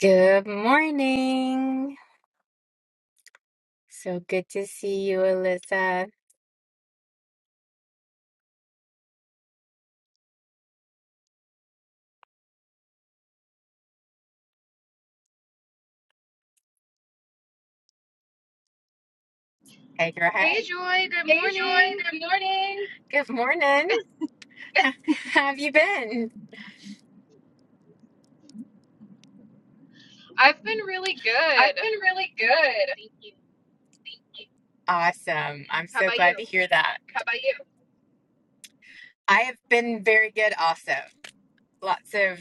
Good morning. So good to see you, Alyssa. Hey, girl. Hey Hey. Joy, good Hey Joy, morning. good morning. Good morning. How have you been? I've been really I've good. been really good. Thank you. Awesome. I'm How so about glad you? to hear that. How about you? I have been very good also. Lots of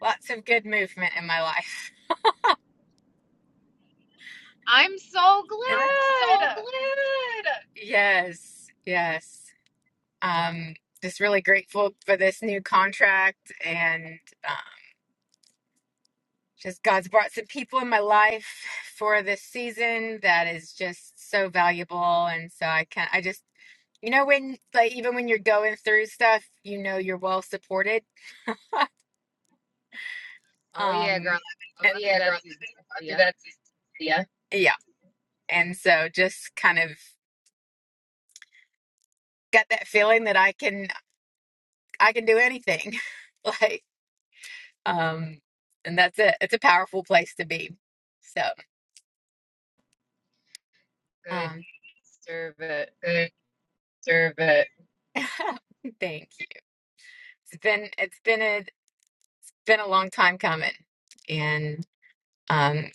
lots of good movement in my life. I'm so It, I'm so glad. glad. yes. Yes. Um just really grateful for this new contract and just God's brought some people in my life for this season that is just so valuable. And so I can't, I just, you know, when like even when you're going through stuff, you know, you're well supported. Oh yeah, girl. Um, oh, and- I'm going through yeah, that girl, season. So After do yeah, that. Yeah. Yeah. And so just kind of got that feeling that I can, I can do anything. like, um, and that's it. It's a powerful place to be. So, good. um, Serve it. good Serve it. Thanks. it's been it's been a been a long time coming and um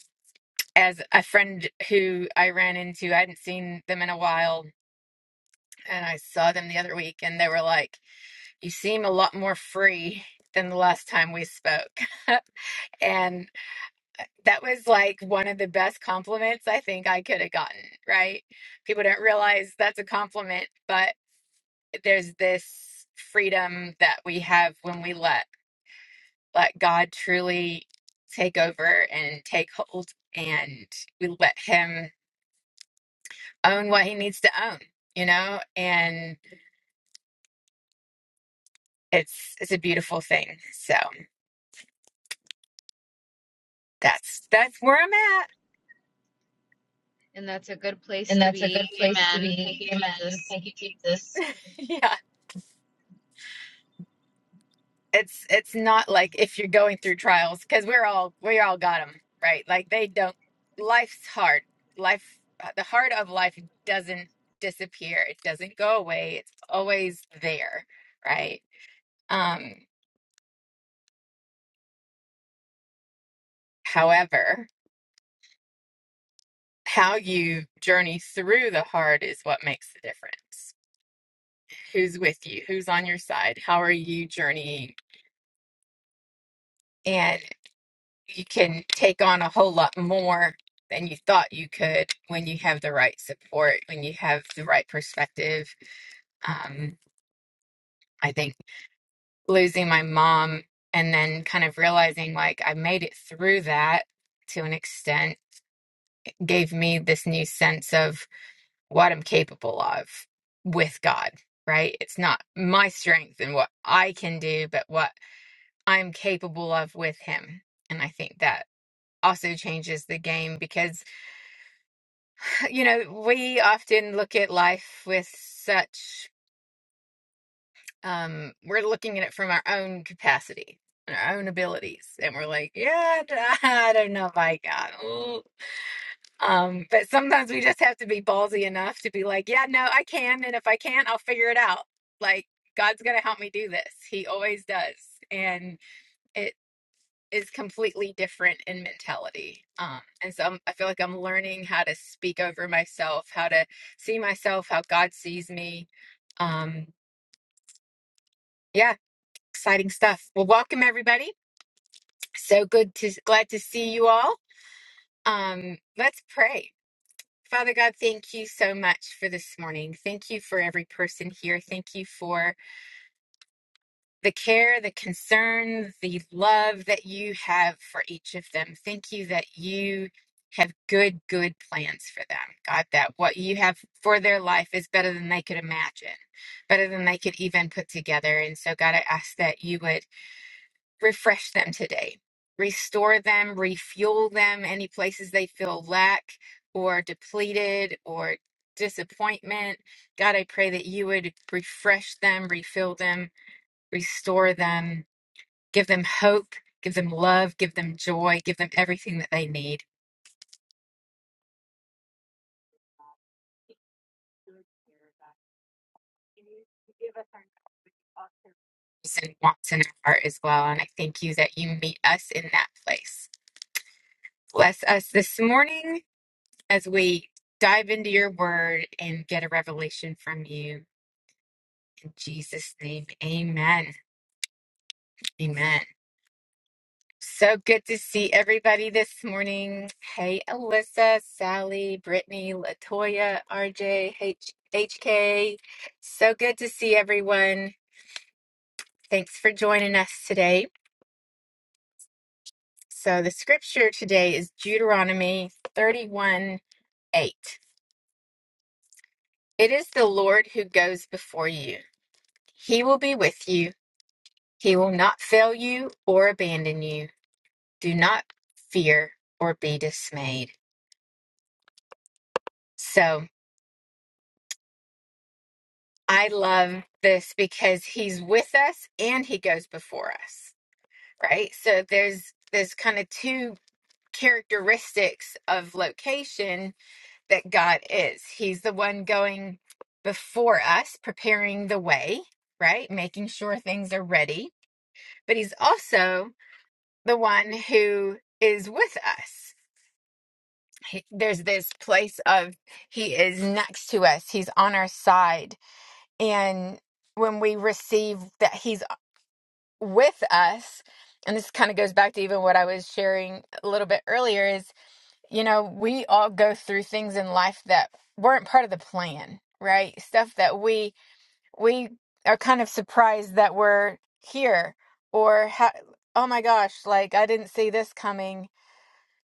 as a friend who i ran into i hadn't seen them in a while and i saw them the other week and they were like you seem a lot more free than the last time we spoke and that was like one of the best compliments i think i could have gotten right people don't realize that's a compliment but there's this freedom that we have when we let let God truly take over and take hold, and we let Him own what He needs to own, you know. And it's it's a beautiful thing. So that's that's where I'm at. And that's a good place And to that's a be. good place to Amen. Thank you, be. Jesus. Amen. Thank you, Jesus. Yeah. it's it's not like if you're going through trials because we're all we all got them right like they don't life's hard life uh, the heart of life doesn't disappear it doesn't go away it's always there right um however how you journey through the hard is what makes the difference who's with you who's on your side how are you journeying and. you can take on a whole lot more than you thought you could when you have the right support, when you have the right perspective. Um, I think losing my mom and then kind of realizing like I made it through that to an extent gave me this new sense of what I'm capable of with God, right? It's not my strength and what I can do, but what I'm capable of with Him. And I think that also changes the game because you know, we often look at life with such, um, we're looking at it from our own capacity and our own abilities. And we're like, yeah, I d- I don't know if I got it." Um, but sometimes we just have to be ballsy enough to be like, yeah, no, I can. And if I can't, I'll figure it out. Like, God's going to help me do this. He always does. And it. is completely different in mentality. Um, and so I'm, I feel like I'm learning how to speak over myself, how to see myself, how God sees me. Um, yeah, exciting stuff. Well, welcome everybody. So good to glad to see you all. Um, let's pray. Father God, thank you so much for this morning. Thank you for every person here. Thank you for the care, the concern, the love that you have for each of them. Thank you that you have good, good plans for them. God, that what you have for their life is better than they could imagine, better than they could even put together. And so, God, I ask that you would refresh them today, restore them, refuel them, any places they feel lack or depleted or disappointment. God, I pray that you would refresh them, refill them, restore them Give them hope, give them love, give them joy, give them everything that they need. And wants in our heart as well. And I thank you that you meet us in that place. Bless us this morning as we dive into your word and get a revelation from you. In Jesus' name, amen. Amen. So good to see everybody this morning. Hey, Alyssa, Sally, Brittany, Latoya, RJ, H- HK. So good to see everyone. Thanks for joining us today. So, the scripture today is Deuteronomy 31 8. It is the Lord who goes before you, He will be with you, He will not fail you or abandon you. Do not fear or be dismayed. So, I love this because he's with us and he goes before us, right? So there's there's kind of two characteristics of location that God is. He's the one going before us, preparing the way, right? Making sure things are ready, but he's also the one who is with us. He, there's this place of he is next to us. He's on our side and when we receive that he's with us and this kind of goes back to even what i was sharing a little bit earlier is you know we all go through things in life that weren't part of the plan right stuff that we we are kind of surprised that we're here or ha- oh my gosh like i didn't see this coming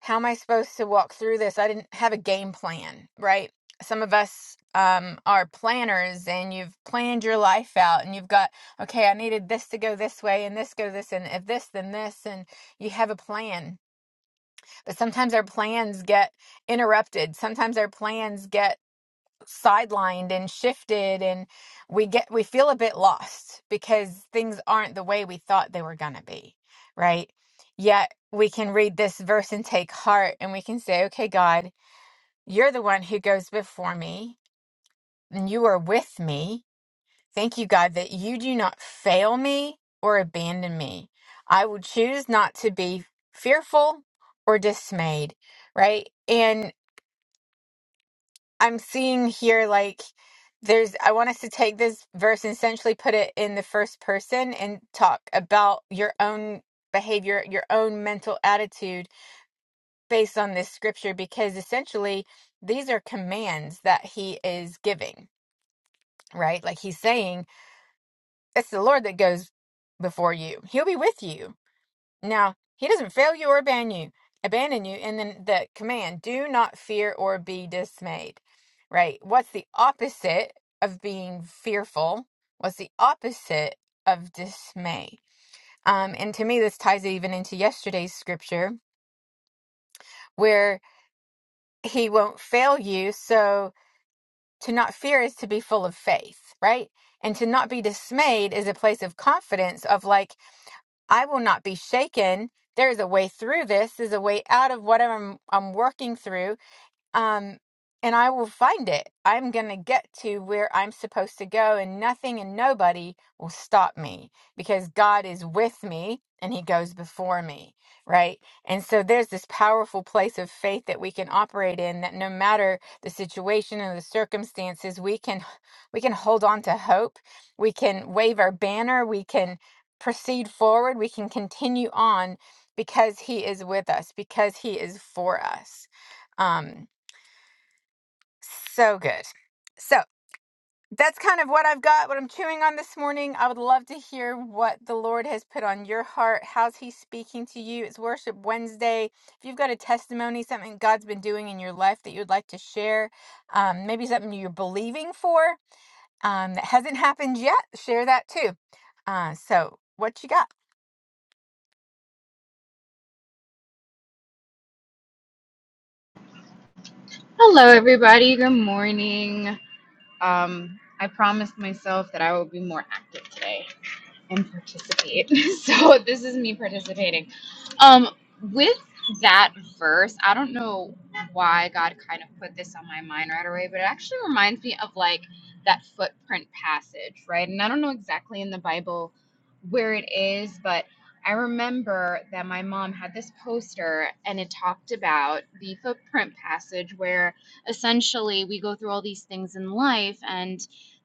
how am I supposed to walk through this? I didn't have a game plan, right? Some of us um, are planners and you've planned your life out and you've got, okay, I needed this to go this way and this go this and if this, then this. And you have a plan. But sometimes our plans get interrupted. Sometimes our plans get sidelined and shifted and we get we feel a bit lost because things aren't the way we thought they were going to be right yet we can read this verse and take heart and we can say okay god you're the one who goes before me and you are with me thank you god that you do not fail me or abandon me i will choose not to be fearful or dismayed right and. I'm seeing here like there's I want us to take this verse and essentially put it in the first person and talk about your own behavior, your own mental attitude based on this scripture because essentially these are commands that he is giving, right? Like he's saying, it's the Lord that goes before you. He'll be with you now, he doesn't fail you or abandon you, abandon you. And then the command, do not fear or be dismayed, right? What's the opposite of being fearful? What's the opposite of dismay? Um, and to me, this ties even into yesterday's scripture where he won't fail you. So to not fear is to be full of faith, right? And to not be dismayed is a place of confidence of like, I will not be shaken. There is a way through this. There's a way out of whatever I'm, I'm working through um, and I will find it. I'm going to get to where I'm supposed to go, and nothing and nobody will stop me because God is with me and He goes before me, right? And so there's this powerful place of faith that we can operate in that no matter the situation and the circumstances, we can we can hold on to hope. We can wave our banner, we can proceed forward, we can continue on because he is with us, because he is for us. Um so good. So that's kind of what I've got, what I'm chewing on this morning. I would love to hear what the Lord has put on your heart. How's He speaking to you? It's Worship Wednesday. If you've got a testimony, something God's been doing in your life that you'd like to share, um, maybe something you're believing for um, that hasn't happened yet, share that too. Uh, so, what you got? Hello everybody. Good morning. Um, I promised myself that I will be more active today. and participate. so this is me participating. Um, with that verse, I don't know why God kind of put this on my mind right away, but it actually reminds me of like that footprint passage, right? And I don't know exactly in the Bible where it is, but I remember that my mom had this poster and it talked about the footprint passage where essentially we go through all these things in life and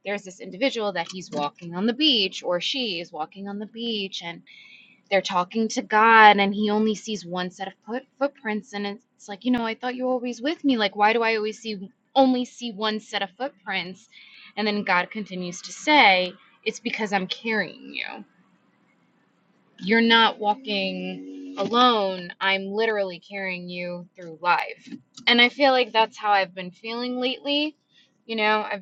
there's this individual that he's walking on the beach or she is walking on the beach and they're talking to God and he only sees one set of foot, footprints and it's like, you know, I thought you were always with me. Like why do I always see only see one set of footprints? And then God continues to say, it's because I'm carrying you. You're not walking alone. I'm literally carrying you through life. And I feel like that's how I've been feeling lately. You know, I've.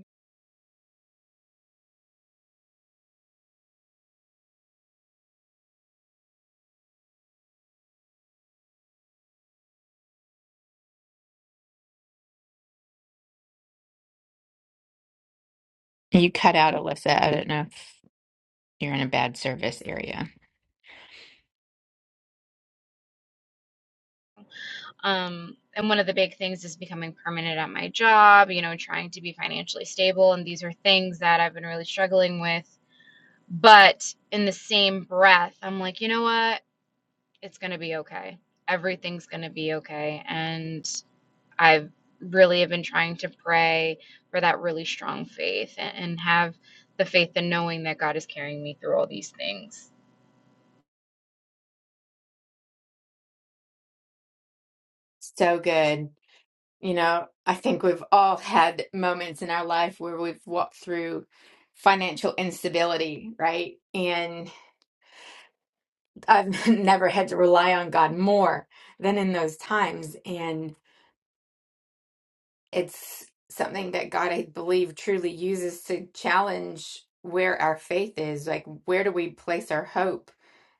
You cut out, Alyssa. I don't know. You're in a bad service area. Um, and one of the big things is becoming permanent at my job, you know, trying to be financially stable. And these are things that I've been really struggling with. But in the same breath, I'm like, you know what? It's going to be okay. Everything's going to be okay. And I've really have been trying to pray for that really strong faith and, and have the faith in knowing that God is carrying me through all these things. So good. You know, I think we've all had moments in our life where we've walked through financial instability, right? And I've never had to rely on God more than in those times. and. it's something that God, I believe, truly uses to challenge where our faith is. Like, where do we place our hope?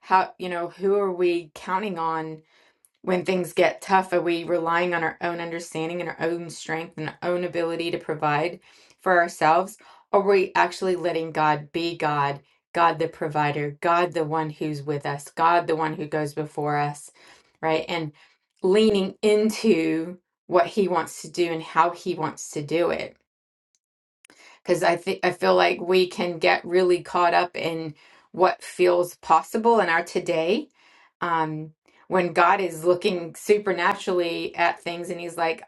How, you know, who are we counting on? when things get tough, are we relying on our own understanding and our own strength and our own ability to provide for ourselves? Or are we actually letting God be God, God the provider, God the one who's with us, God the one who goes before us, right? And leaning into what he wants to do and how he wants to do it because I think I feel like we can get really caught up in what feels possible in our today. Um, when God is looking supernaturally at things and he's like,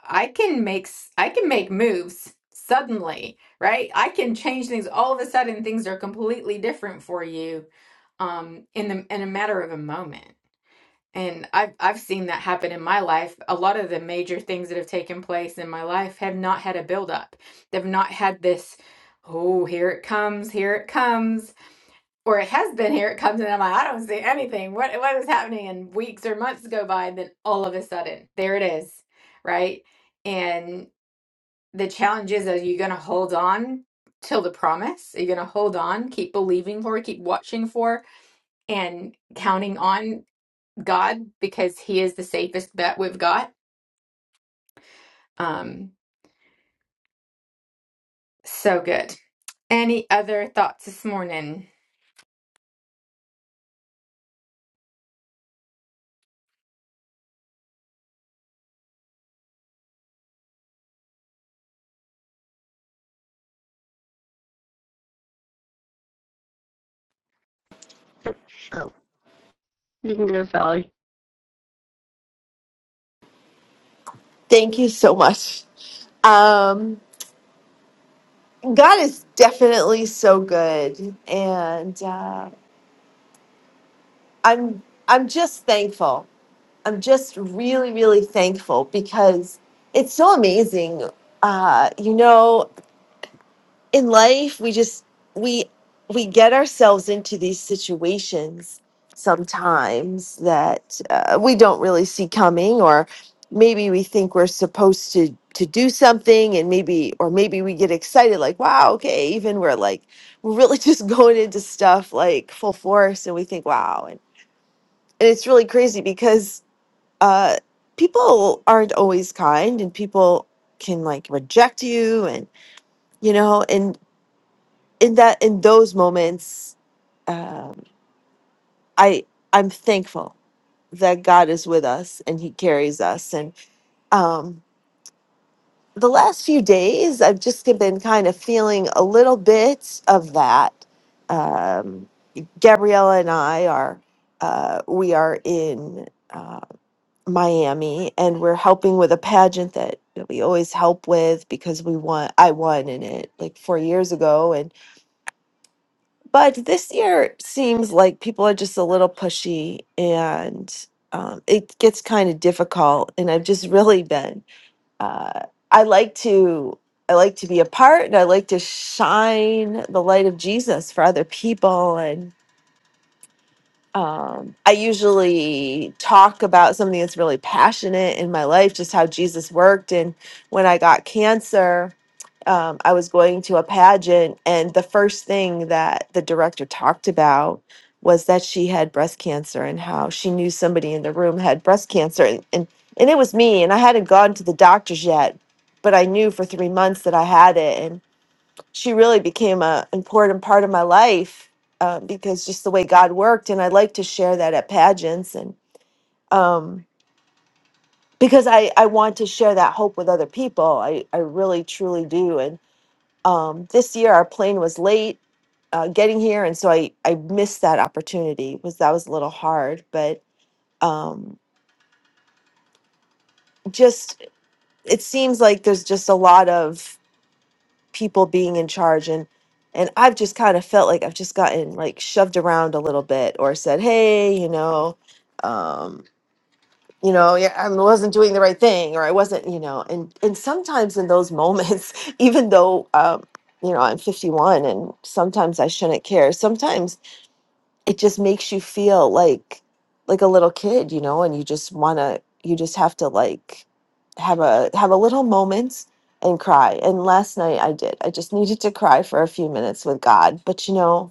I can make s- I can make moves suddenly, right? I can change things all of a sudden things are completely different for you um in the in a matter of a moment. And I've I've seen that happen in my life. A lot of the major things that have taken place in my life have not had a buildup. They've not had this, oh, here it comes, here it comes. Or it has been here it comes, and I'm like, I don't see anything. What what is happening? And weeks or months go by, and then all of a sudden, there it is, right? And the challenge is, are you gonna hold on till the promise? Are you gonna hold on, keep believing for, keep watching for, and counting on? God because He is the safest bet we've got. Um, so good. Any other thoughts this morning? Oh, you can go, Valley. Thank you so much. Um, God is definitely so good, and uh, I'm I'm just thankful. I'm just really really thankful because it's so amazing. Uh, you know, in life we just we we get ourselves into these situations sometimes that uh, we don't really see coming or maybe we think we're supposed to to do something and maybe or maybe we get excited like wow okay even we're like we're really just going into stuff like full force and we think wow and, and it's really crazy because uh people aren't always kind and people can like reject you and you know and in that in those moments um i i'm thankful that god is with us and he carries us and um the last few days i've just been kind of feeling a little bit of that um gabriella and i are uh we are in uh miami and we're helping with a pageant that we always help with because we won i won in it like four years ago But this year seems like people are just a little pushy and um, it gets kind of difficult. And I've just really been, uh, I like to. I like to be a part and I like to shine the light of Jesus for other people. And um, I usually talk about something that's really passionate in my life, just how Jesus worked. And when I got cancer, um, I was going to a pageant, and the first thing that the director talked about was that she had breast cancer and how she knew somebody in the room had breast cancer. And, and, and it was me, and I hadn't gone to the doctors yet, but I knew for three months that I had it she really became an important part of my life uh, because just the way God worked, and I like to share that at pageants, and um, because I I want to share that hope with other people. I I really truly do. And um, this year our plane was late uh, getting here, and so I I missed that opportunity. Was that was a little hard, but um, just it seems like there's just a lot of people being in charge and and I've just kind of felt like I've just gotten like shoved around a little bit or said, "Hey, you know, um, you know, yeah, I wasn't doing the right thing or I wasn't, you know." And and sometimes in those moments, even though um, you know, I'm 51 and sometimes I shouldn't care. Sometimes it just makes you feel like like a little kid you know and you just want to you just have to like have a have a little moment and cry and last night i did i just needed to cry for a few minutes with god but you know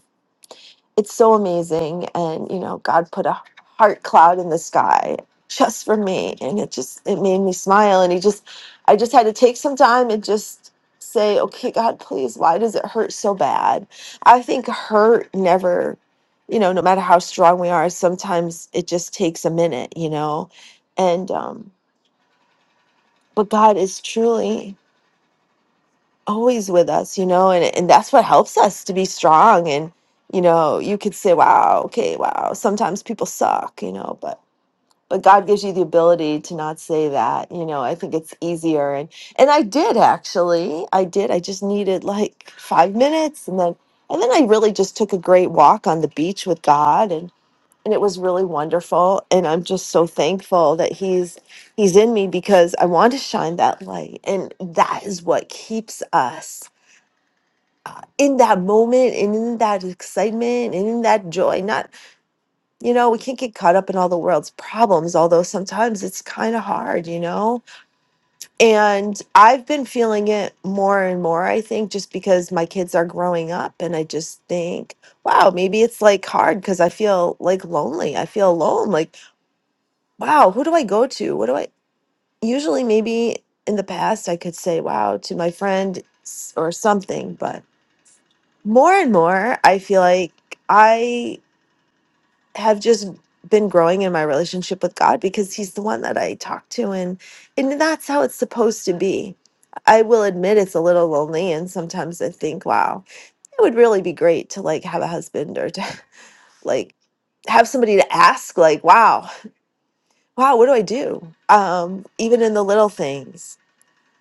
it's so amazing and you know god put a heart cloud in the sky just for me and it just it made me smile and he just i just had to take some time and just say okay god please why does it hurt so bad i think hurt never you know no matter how strong we are sometimes it just takes a minute you know and um but god is truly always with us, you know, and, and that's what helps us to be strong. And, you know, you could say, wow, okay, wow, sometimes people suck, you know, but but God gives you the ability to not say that, you know. I think it's easier, and and I did actually, I did. I just needed like five minutes, and then and then I really just took a great walk on the beach with God, and and it was really wonderful. And I'm just so thankful that He's He's in me because I want to shine that light, and that is what keeps us uh, in that moment and in that excitement and in that joy. Not, you know, we can't get caught up in all the world's problems, although sometimes it's kind of hard, you know? And I've been feeling it more and more, I think, just because my kids are growing up and I just think, wow, maybe it's like hard because I feel like lonely. I feel alone. Like, wow, who do I go to? What do I usually maybe in the past I could say wow to my friend s- or something, but more and more i feel like i have just been growing in my relationship with god because he's the one that i talk to and and that's how it's supposed to be i will admit it's a little lonely and sometimes i think wow it would really be great to like have a husband or to like have somebody to ask like wow wow what do i do um even in the little things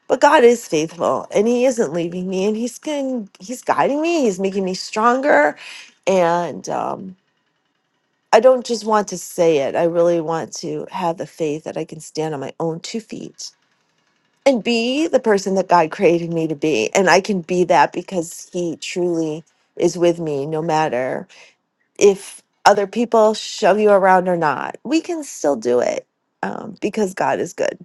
But God is faithful and he isn't leaving me and he's going he's guiding me, he's making me stronger and um I don't just want to say it. I really want to have the faith that I can stand on my own two feet and be the person that God created me to be. And I can be that because he truly is with me no matter if other people shove you around or not. We can still do it um, because God is good.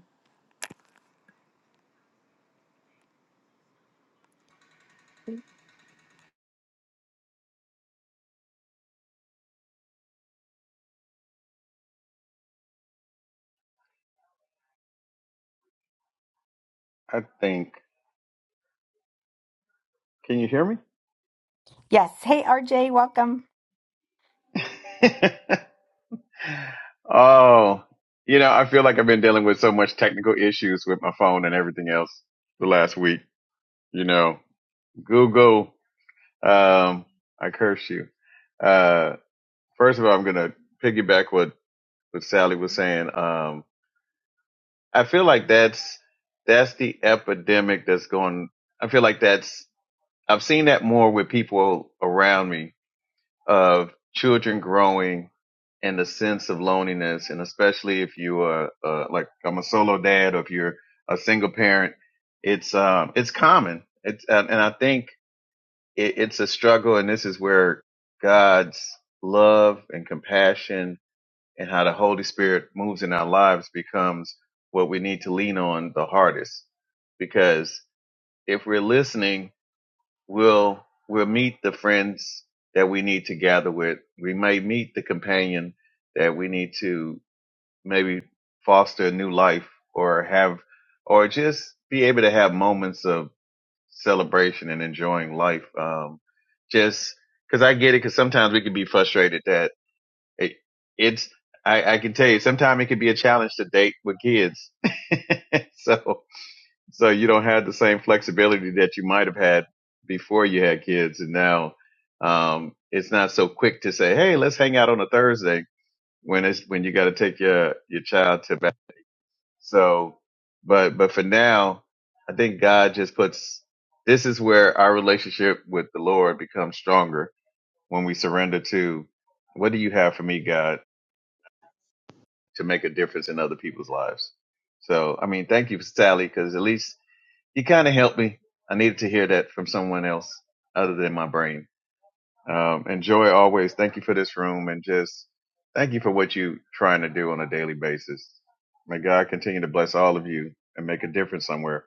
I think. Can you hear me? oh, you know, I feel like I've been dealing with so much technical issues with my phone and everything else the last week. You know, Google, um, I curse you. Uh, first of all, I'm going to piggyback what, what Sally was saying. Um, I feel like that's, that's the epidemic that's going, I feel like that's, I've seen that more with people around me of children growing and the sense of loneliness, and especially if you are uh, like I'm a solo dad or if you're a single parent, it's um it's common. It's and and I think it, it's a struggle, and this is where God's love and compassion and how the Holy Spirit moves in our lives becomes what we need to lean on the hardest, because if we're listening We'll we'll meet the friends that we need to gather with. We may meet the companion that we need to maybe foster a new life or have or just be able to have moments of celebration and enjoying life. Um, just because I get it, because sometimes we can be frustrated that it, it's I, I can tell you sometimes it can be a challenge to date with kids. so so you don't have the same flexibility that you might have had before you had kids, and now um, it's not so quick to say, "Hey, let's hang out on a Thursday." When it's when you got to take your your child to back. So, but but for now, I think God just puts this is where our relationship with the Lord becomes stronger when we surrender to what do you have for me, God, to make a difference in other people's lives. So, I mean, thank you, Sally, because at least you kind of helped me. I needed to hear that from someone else other than my brain. Um, and Joy, always thank you for this room and just thank you for what you're trying to do on a daily basis. May God continue to bless all of you and make a difference somewhere.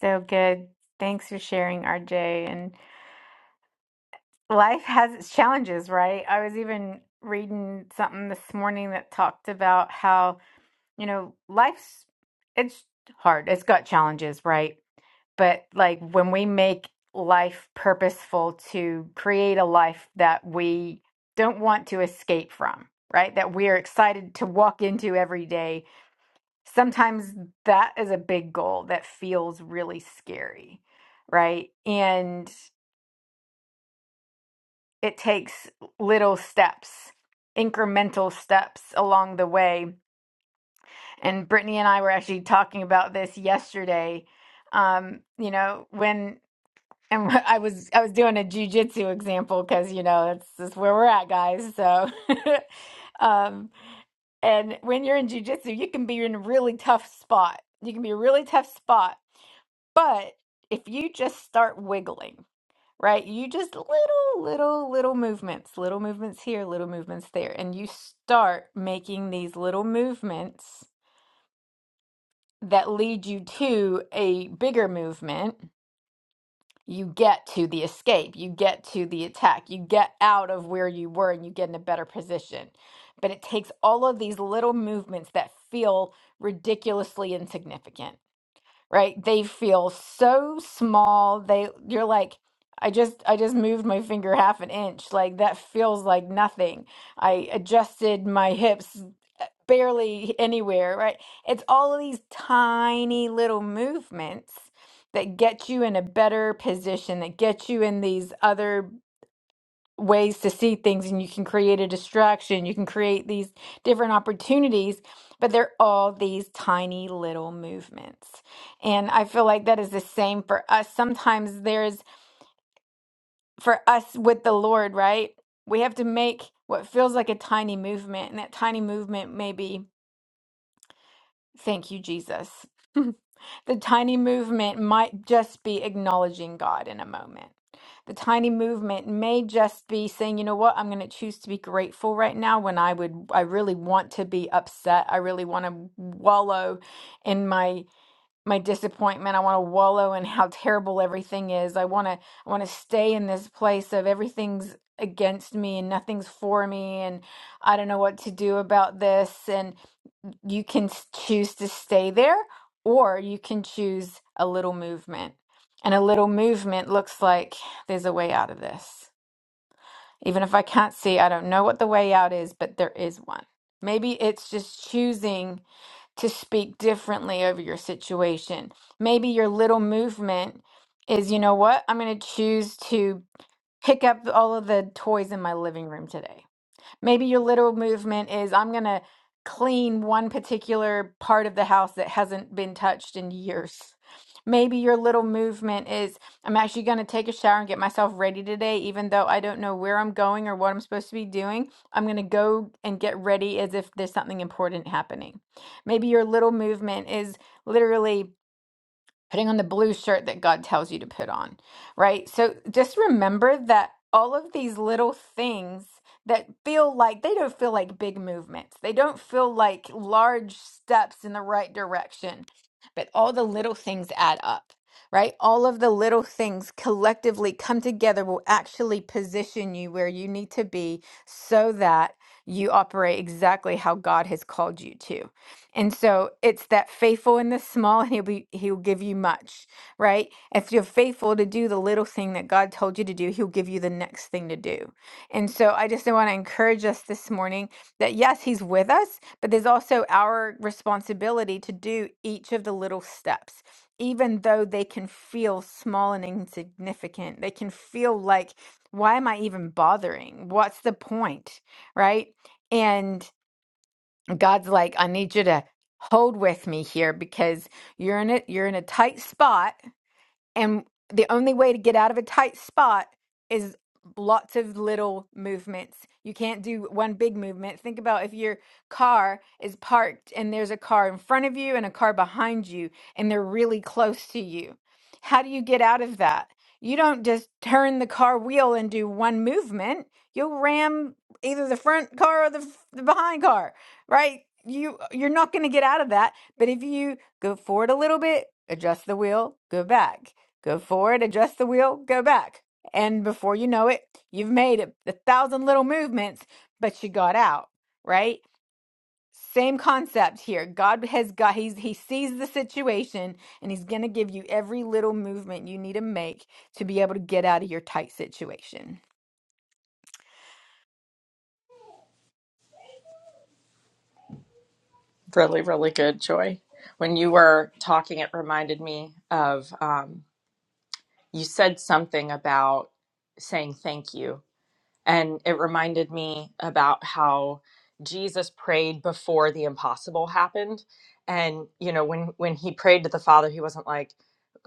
So good. Thanks for sharing, RJ. And life has its challenges, right? I was even reading something this morning that talked about how, you know, life's it's hard. It's got challenges, right? but like when we make life purposeful to create a life that we don't want to escape from, right? That we're excited to walk into every day, sometimes that is a big goal that feels really scary, right? And it takes little steps. Incremental steps along the way. And Brittany and I were actually talking about this yesterday. Um, you know, when And wh- I was I was doing a jujitsu example because you know that's that's where we're at, guys. So, um, and when you're in jujitsu, you can be in a really tough spot. You can be a really tough spot, but if you just start wiggling, right? You just little, little, little movements, little movements here, little movements there, and you start making these little movements that lead you to a bigger movement you get to the escape, you get to the attack, you get out of where you were and you get in a better position. But it takes all of these little movements that feel ridiculously insignificant right? They feel so small. They you're like I just I just moved my finger half an inch. Like that feels like nothing. I adjusted my hips uh, barely anywhere, right? It's all of these tiny little movements that get you in a better position, that get you in these other ways to see things and you can create a distraction you can create these different opportunities but they're all these tiny little movements and i feel like that is the same for us sometimes there's for us with the lord right we have to make what feels like a tiny movement and that tiny movement maybe Thank you, Jesus. the tiny movement might just be acknowledging God in a moment. The tiny movement may just be saying, you know what, I'm going to choose to be grateful right now when I would, I really want to be upset. I really want to wallow in my my disappointment. I want to wallow in how terrible everything is. I want to I want to stay in this place of everything's against me and nothing's for me and I don't know what to do about this and you can s- choose to stay there or you can choose a little movement. And a little movement looks like there's a way out of this. Even if I can't see, I don't know what the way out is, but there is one. Maybe it's just choosing to speak differently over your situation. Maybe your little movement is, you know what? I'm going to choose to pick up all of the toys in my living room today Maybe your literal movement is I'm going to clean one particular part of the house that hasn't been touched in years. Maybe your little movement is I'm actually going to take a shower and get myself ready today, even though I don't know where I'm going or what I'm supposed to be doing. I'm going to go and get ready as if there's something important happening. Maybe your little movement is literally putting on the blue shirt that God tells you to put on, right? So just remember that all of these little things that feel like they don't feel like big movements, they don't feel like large steps in the right direction, but all the little things add up. Right? All of the little things collectively come together will actually position you where you need to be so that you operate exactly how God has called you to. And so it's that faithful in the small, and he'll be he'll give you much, right? If you're faithful to do the little thing that God told you to do, he'll give you the next thing to do. And so I just want to encourage us this morning that yes, he's with us, but there's also our responsibility to do each of the little steps. Even though they can feel small and insignificant, they can feel like, why am I even bothering? What's the point? Right? God's like, I need you to hold with me here because you're in it, you're in a tight spot and the only way to get out of a tight spot is lots of little movements. You can't do one big movement. Think about if your car is parked and there's a car in front of you and a car behind you, and they're really close to you. How do you get out of that? You don't just turn the car wheel and do one movement. You'll ram either the front car or the, f- the behind car, right? You you're not going to get out of that. But if you go forward a little bit, adjust the wheel, go back go forward, adjust the wheel, go back. And before you know it, you've made a a thousand little movements, but you got out, right? Same concept here. God has got he's he sees the situation and he's going to give you every little movement you need to make to be able to get out of your tight situation. Really, really good, Joy. When you were talking, it reminded me of um, you said something about saying thank you. And it reminded me about how Jesus prayed before the impossible happened. And, you know, when, when he prayed to the Father, he wasn't like,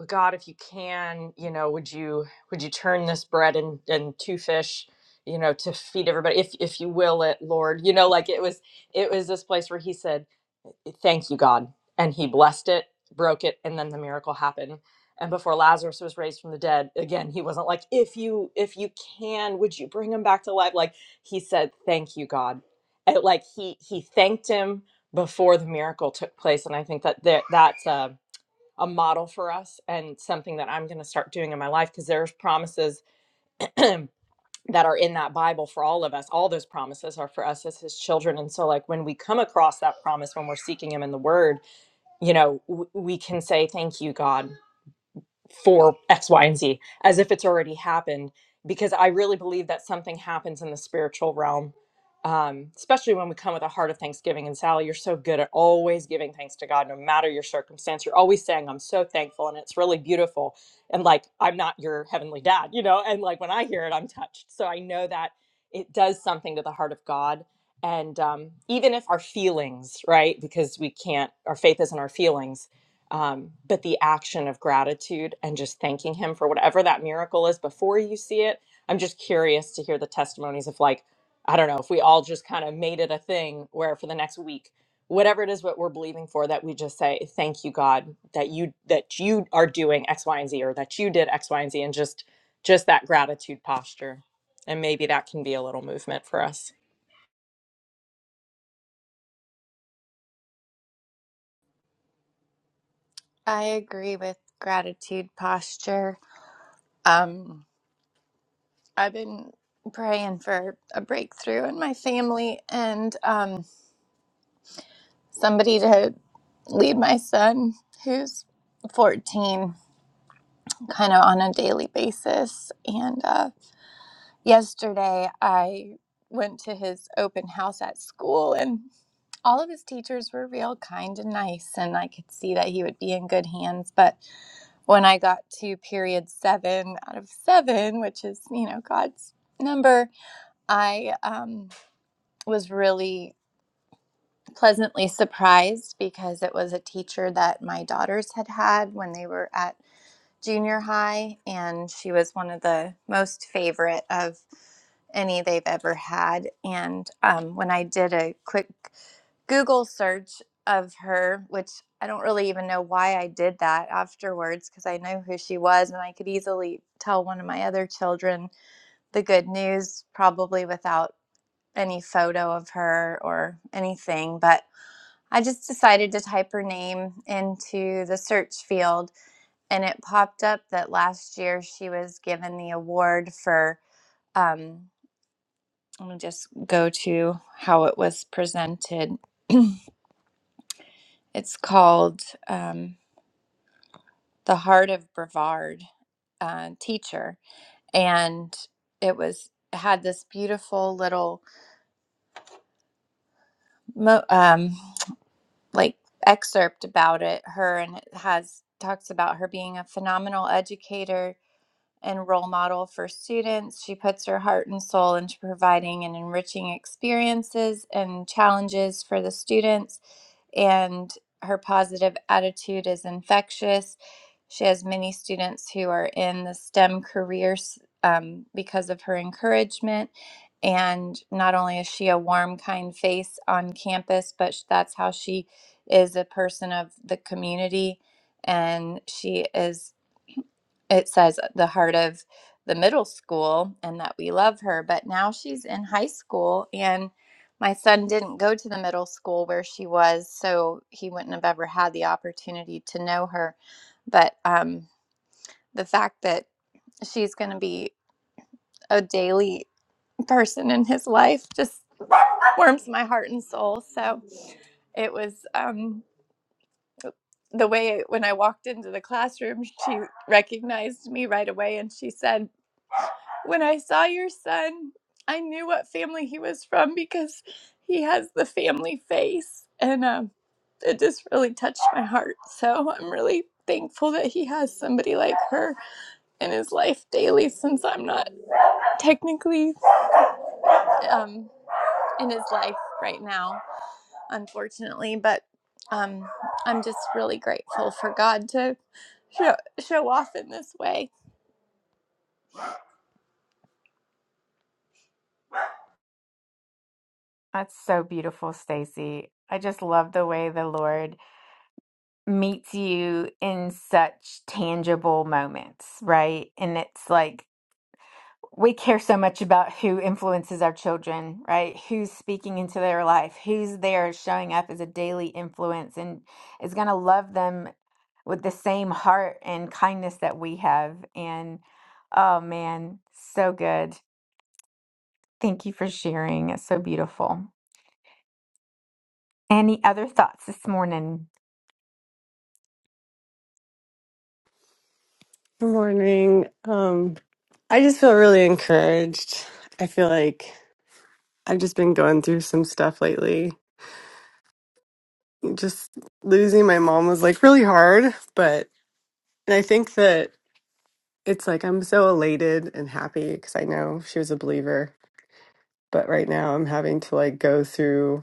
God, if you can, you know, would you would you turn this bread and, and two fish, you know, to feed everybody? If if you will it, Lord. You know, like it was it was this place where he said, thank you god and he blessed it broke it and then the miracle happened and before lazarus was raised from the dead again he wasn't like if you if you can would you bring him back to life like he said thank you god And, like he he thanked him before the miracle took place and i think that there, that's a, a model for us and something that i'm going to start doing in my life because there's promises that are in that bible for all of us all those promises are for us as his children and so like when we come across that promise when we're seeking him in the word you know, w- we can say thank you, God, for X, Y, and Z as if it's already happened, because I really believe that something happens in the spiritual realm, um, especially when we come with a heart of thanksgiving. And Sally, you're so good at always giving thanks to God, no matter your circumstance. You're always saying, I'm so thankful, and it's really beautiful. And like, I'm not your heavenly dad, you know? And like, when I hear it, I'm touched. So I know that it does something to the heart of God and um, even if our feelings right because we can't our faith isn't our feelings um, but the action of gratitude and just thanking him for whatever that miracle is before you see it i'm just curious to hear the testimonies of like i don't know if we all just kind of made it a thing where for the next week whatever it is what we're believing for that we just say thank you god that you that you are doing x y and z or that you did x y and z and just just that gratitude posture and maybe that can be a little movement for us I agree with gratitude posture. Um, I've been praying for a breakthrough in my family and um, somebody to lead my son, who's 14, kind of on a daily basis. And uh, yesterday I went to his open house at school and all of his teachers were real kind and nice and i could see that he would be in good hands but when I got to period seven out of seven, which is, you know, God's number, I um, was really pleasantly surprised because it was a teacher that my daughters had had when they were at junior high. And she was one of the most favorite of any they've ever had. And um, when I did a quick Google search of her, which I don't really even know why I did that afterwards because I know who she was and I could easily tell one of my other children the good news, probably without any photo of her or anything. But I just decided to type her name into the search field and it popped up that last year she was given the award for. Um, let me just go to how it was presented. It's called. um, the heart of Brevard uh, teacher, and it was had this beautiful little mo- um, like excerpt about it. Her and it has talks about her being a phenomenal educator and role model for students. She puts her heart and soul into providing and enriching experiences and challenges for the students, and her positive attitude is infectious. She has many students who are in the STEM careers um, because of her encouragement. And not only is she a warm, kind face on campus, but sh- that's how she is a person of the community. And she is it says the heart of the middle school and that we love her but now she's in high school and my son didn't go to the middle school where she was so he wouldn't have ever had the opportunity to know her but um, the fact that she's going to be a daily person in his life just warms my heart and soul so it was um, the way when i walked into the classroom she recognized me right away and she said When I saw your son, I knew what family he was from because he has the family face. And um, it just really touched my heart. So I'm really thankful that he has somebody like her in his life daily since I'm not technically um, in his life right now, unfortunately. But um, I'm just really grateful for God to show, show off in this way. That's so beautiful, Stacy. I just love the way the Lord meets you in such tangible moments, right? And it's like we care so much about who influences our children, right? Who's speaking into their life, who's there showing up as a daily influence and is going to love them with the same heart and kindness that we have. And oh man, so good. Thank you for sharing. It's so beautiful. Any other thoughts this morning? Good morning. Um, I just feel really encouraged. I feel like I've just been going through some stuff lately. Just losing my mom was like really hard, but and I think that it's like I'm so elated and happy because I know she was a believer, but right now I'm having to like go through.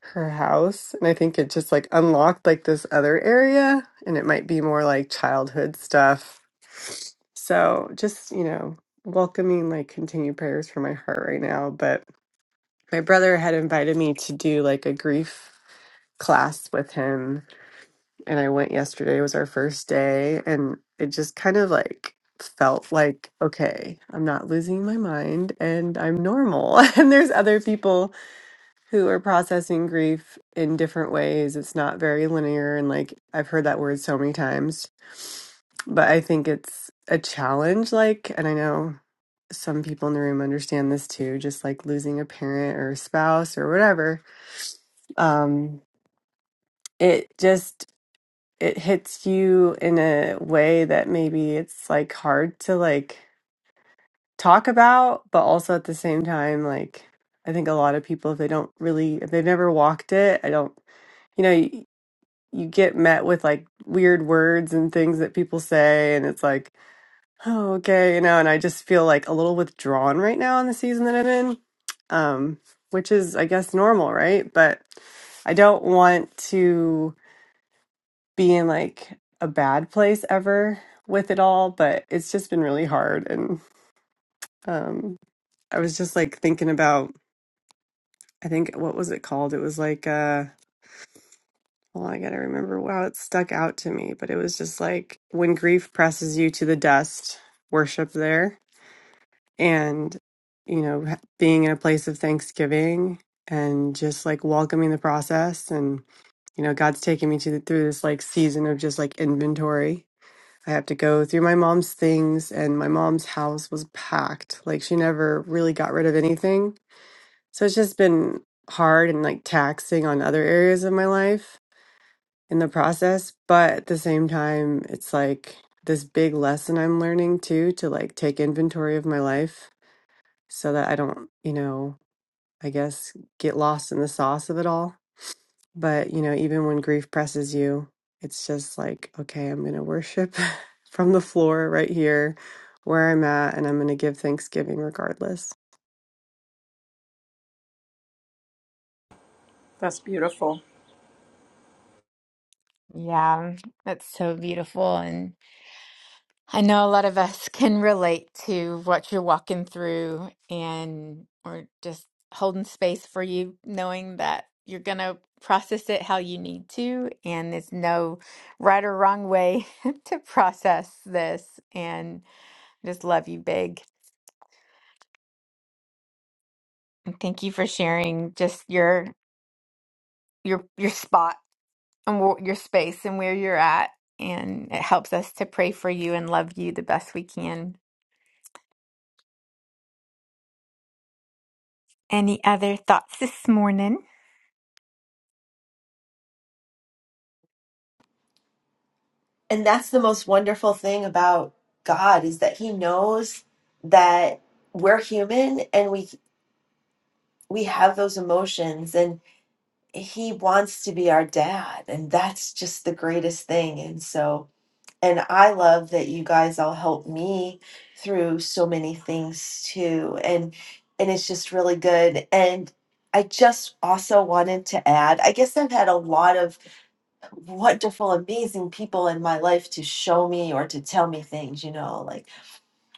her house and i think it just like unlocked like this other area and it might be more like childhood stuff so just you know welcoming like continued prayers for my heart right now but my brother had invited me to do like a grief class with him and i went yesterday was our first day and it just kind of like felt like okay i'm not losing my mind and i'm normal and there's other people who are processing grief in different ways. It's not very linear. And like, I've heard that word so many times, but I think it's a challenge. Like, and I know some people in the room understand this too, just like losing a parent or a spouse or whatever. Um, it just, it hits you in a way that maybe it's like hard to like talk about, but also at the same time, like, I think a lot of people, if they don't really, if they've never walked it, I don't you know you get met with like weird words and things that people say and it's like oh okay you know and i just feel like a little withdrawn right now in the season that i'm in um which is i guess normal right but i don't want to be in like a bad place ever with it all but it's just been really hard and um i was just like thinking about i think what was it called it was like uh, Well, I gotta remember wow, it stuck out to me, but it was just like when grief presses you to the dust, worship there, and you know, ha- being in a place of thanksgiving and just like welcoming the process, and you know, God's taking me to the, through this like season of just like inventory. I have to go through my mom's things, and my mom's house was packed. Like she never really got rid of anything, so it's just been hard and like taxing on other areas of my life in the process. But at the same time, it's like this big lesson I'm learning too to like take inventory of my life so that I don't, you know, I guess get lost in the sauce of it all. But, you know, even when grief presses you, it's just like, okay, I'm going to worship from the floor right here where I'm at and I'm going to give thanksgiving regardless. Yeah, that's so beautiful. I know a lot of us can relate to what you're walking through, and we're just holding space for you, knowing that you're going to process it how you need to. And there's no right or wrong way to process this. And I just love you big. And thank you for sharing just your your your spot and wh- your space and where you're at. And it helps us to pray for you and love you the best we can. Any other thoughts this morning? and that's the most wonderful thing about God is that he knows that we're human and we we have those emotions and he wants to be our dad and that's just the greatest thing and so and I love that you guys all help me through so many things too and and it's just really good and I just also wanted to add I guess I've had a lot of wonderful, amazing people in my life to show me or to tell me things, you know, like,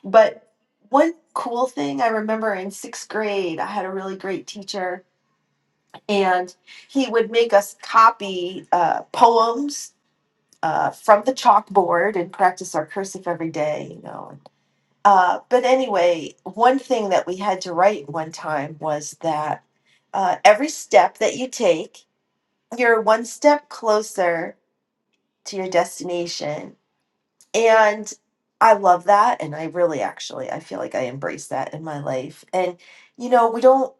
but one cool thing I remember in sixth grade, I had a really great teacher, and he would make us copy uh, poems uh, from the chalkboard and practice our cursive every day, you know. Uh, but anyway, one thing that we had to write one time was that uh, every step that you take, you're one step closer to your destination and i love that and i really actually i feel like i embrace that in my life and you know we don't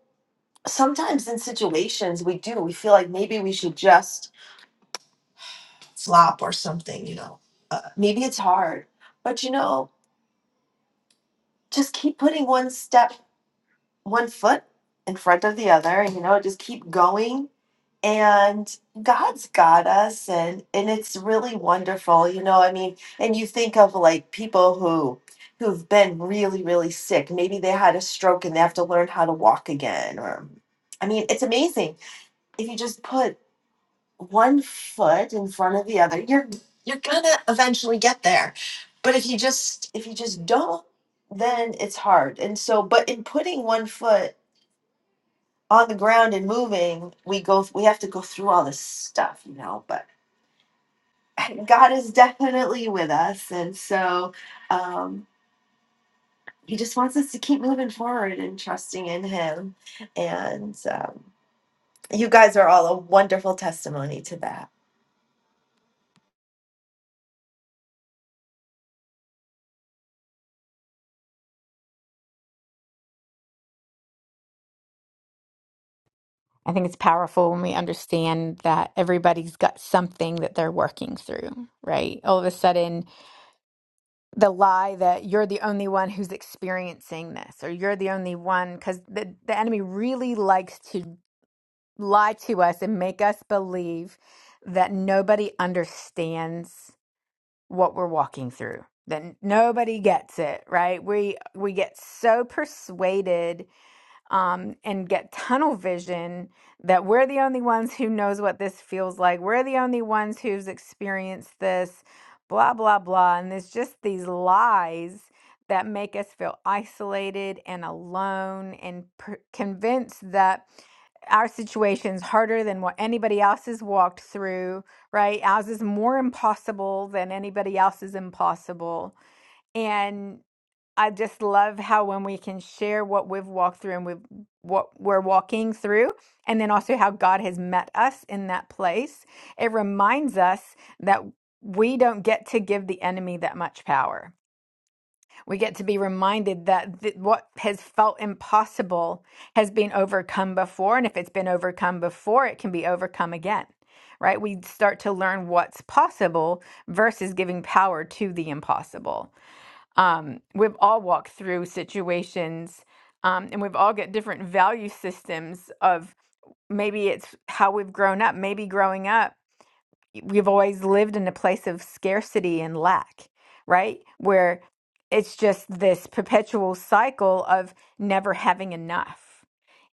sometimes in situations we do we feel like maybe we should just flop or something you know maybe it's hard but you know just keep putting one step one foot in front of the other, and you know, just keep going. And God's got us, and and it's really wonderful, you know. I mean, and you think of like people who who've been really, really sick. Maybe they had a stroke and they have to learn how to walk again. Or, I mean, it's amazing if you just put one foot in front of the other. You're you're gonna eventually get there, but if you just if you just don't, then it's hard. And so, but in putting one foot on the ground and moving, we go we have to go through all this stuff, you know, but God is definitely with us and so um he just wants us to keep moving forward and trusting in him and um you guys are all a wonderful testimony to that. I think it's powerful when we understand that everybody's got something that they're working through, right? All of a sudden, the lie that you're the only one who's experiencing this or you're the only one, because the, the enemy really likes to lie to us and make us believe that nobody understands what we're walking through, that nobody gets it, right? We we get so persuaded um, and get tunnel vision that we're the only ones who knows what this feels like. We're the only ones who's experienced this, blah, blah, blah. And there's just these lies that make us feel isolated and alone and per- convinced that our situation's harder than what anybody else has walked through, right? Ours is more impossible than anybody else's impossible. And I just love how when we can share what we've walked through and we've what we're walking through, and then also how God has met us in that place. It reminds us that we don't get to give the enemy that much power. We get to be reminded that th- what has felt impossible has been overcome before. And if it's been overcome before, it can be overcome again, right? We start to learn what's possible versus giving power to the impossible um, we've all walked through situations um, and we've all got different value systems of maybe it's how we've grown up maybe growing up we've always lived in a place of scarcity and lack right where it's just this perpetual cycle of never having enough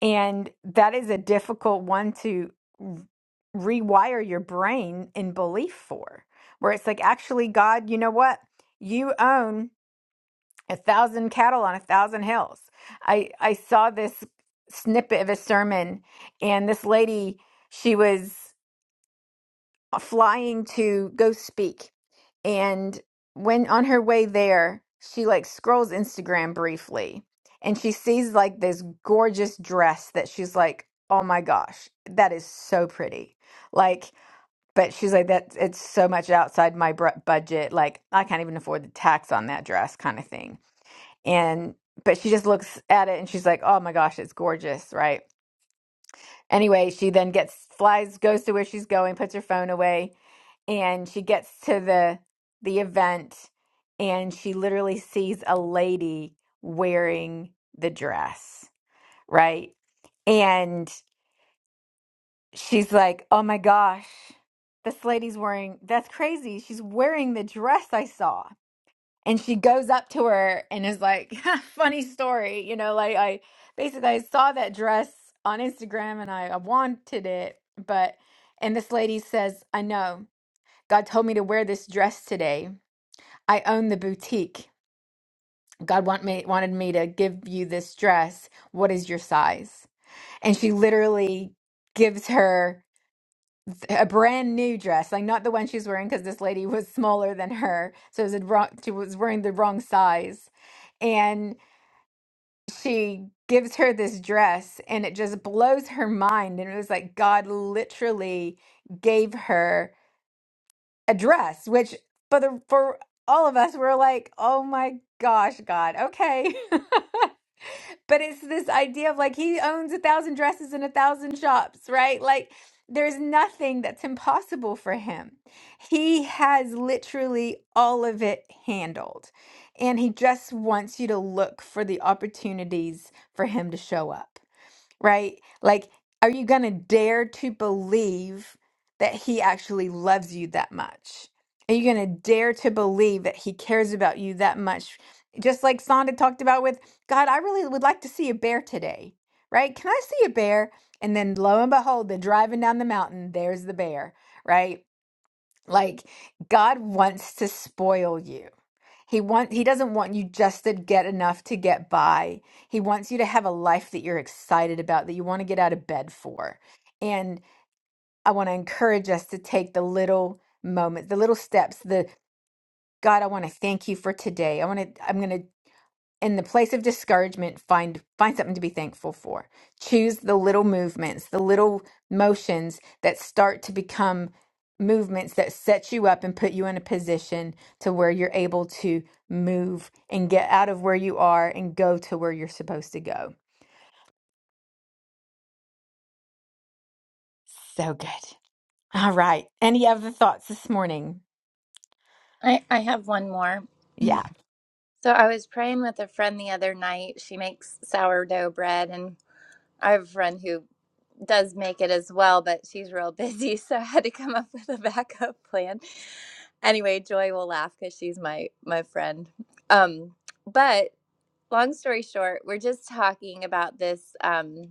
and that is a difficult one to r- rewire your brain in belief for where it's like actually god you know what you own a thousand cattle on a thousand hills. I I saw this snippet of a sermon, and this lady she was flying to go speak, and when on her way there, she like scrolls Instagram briefly, and she sees like this gorgeous dress that she's like, oh my gosh, that is so pretty, like. But she's like that. It's so much outside my br- budget. Like I can't even afford the tax on that dress, kind of thing and but she just looks at it and she's like oh my gosh it's gorgeous right anyway she then gets flies goes to where she's going puts her phone away and she gets to the the event and she literally sees a lady wearing the dress right and she's like oh my gosh this lady's wearing that's crazy she's wearing the dress i saw and she goes up to her and is like funny story you know like i basically i saw that dress on instagram and I, I wanted it but and this lady says i know god told me to wear this dress today i own the boutique god want me, wanted me to give you this dress what is your size and she literally gives her a brand new dress like not the one she's wearing because this lady was smaller than her so it was a wrong, she was wearing the wrong size she gives her this dress and it just blows her mind and it was like god literally gave her a dress which for the for all of us we're like oh my gosh god okay but it's this idea of like he owns a thousand dresses and a thousand shops, right? Like there's nothing that's impossible for him. He has literally all of it handled. And he just wants you to look for the opportunities for him to show up right? Like, are you going to dare to believe that he actually loves you that much? Are you going to dare to believe that he cares about you that much? Just like Sonda talked about with God, I really would like to see a bear today, right? Can I see a bear? And then lo and behold, they're driving down the mountain. There's the bear, right? Like, God wants to spoil you. He want he doesn't want you just to get enough to get by. He wants you to have a life that you're excited about, that you want to get out of bed for. And I want to encourage us to take the little moments, the little steps, the God, I want to thank you for today. I want to I'm going to in the place of discouragement find find something to be thankful for choose the little movements the little motions that start to become movements that set you up and put you in a position to where you're able to move and get out of where you are and go to where you're supposed to go so good all right any other thoughts this morning I, I have one more. yeah So I was praying with a friend the other night. She makes sourdough bread, and I have a friend who does make it as well, but she's real busy, so I had to come up with a backup plan. Anyway, Joy will laugh because she's my my friend. Um, but long story short, we're just talking about this. Um,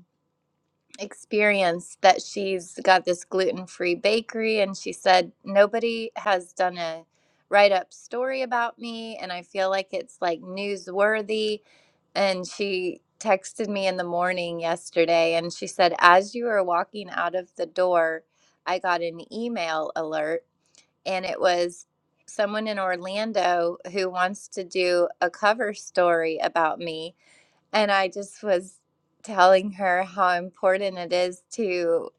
experience that she's got this gluten-free bakery and she said nobody has done a write-up story about me and I feel like it's like newsworthy and she texted me in the morning yesterday and she said as you were walking out of the door I got an email alert and it was someone in Orlando who wants to do a cover story about me and I just was telling her how important it is to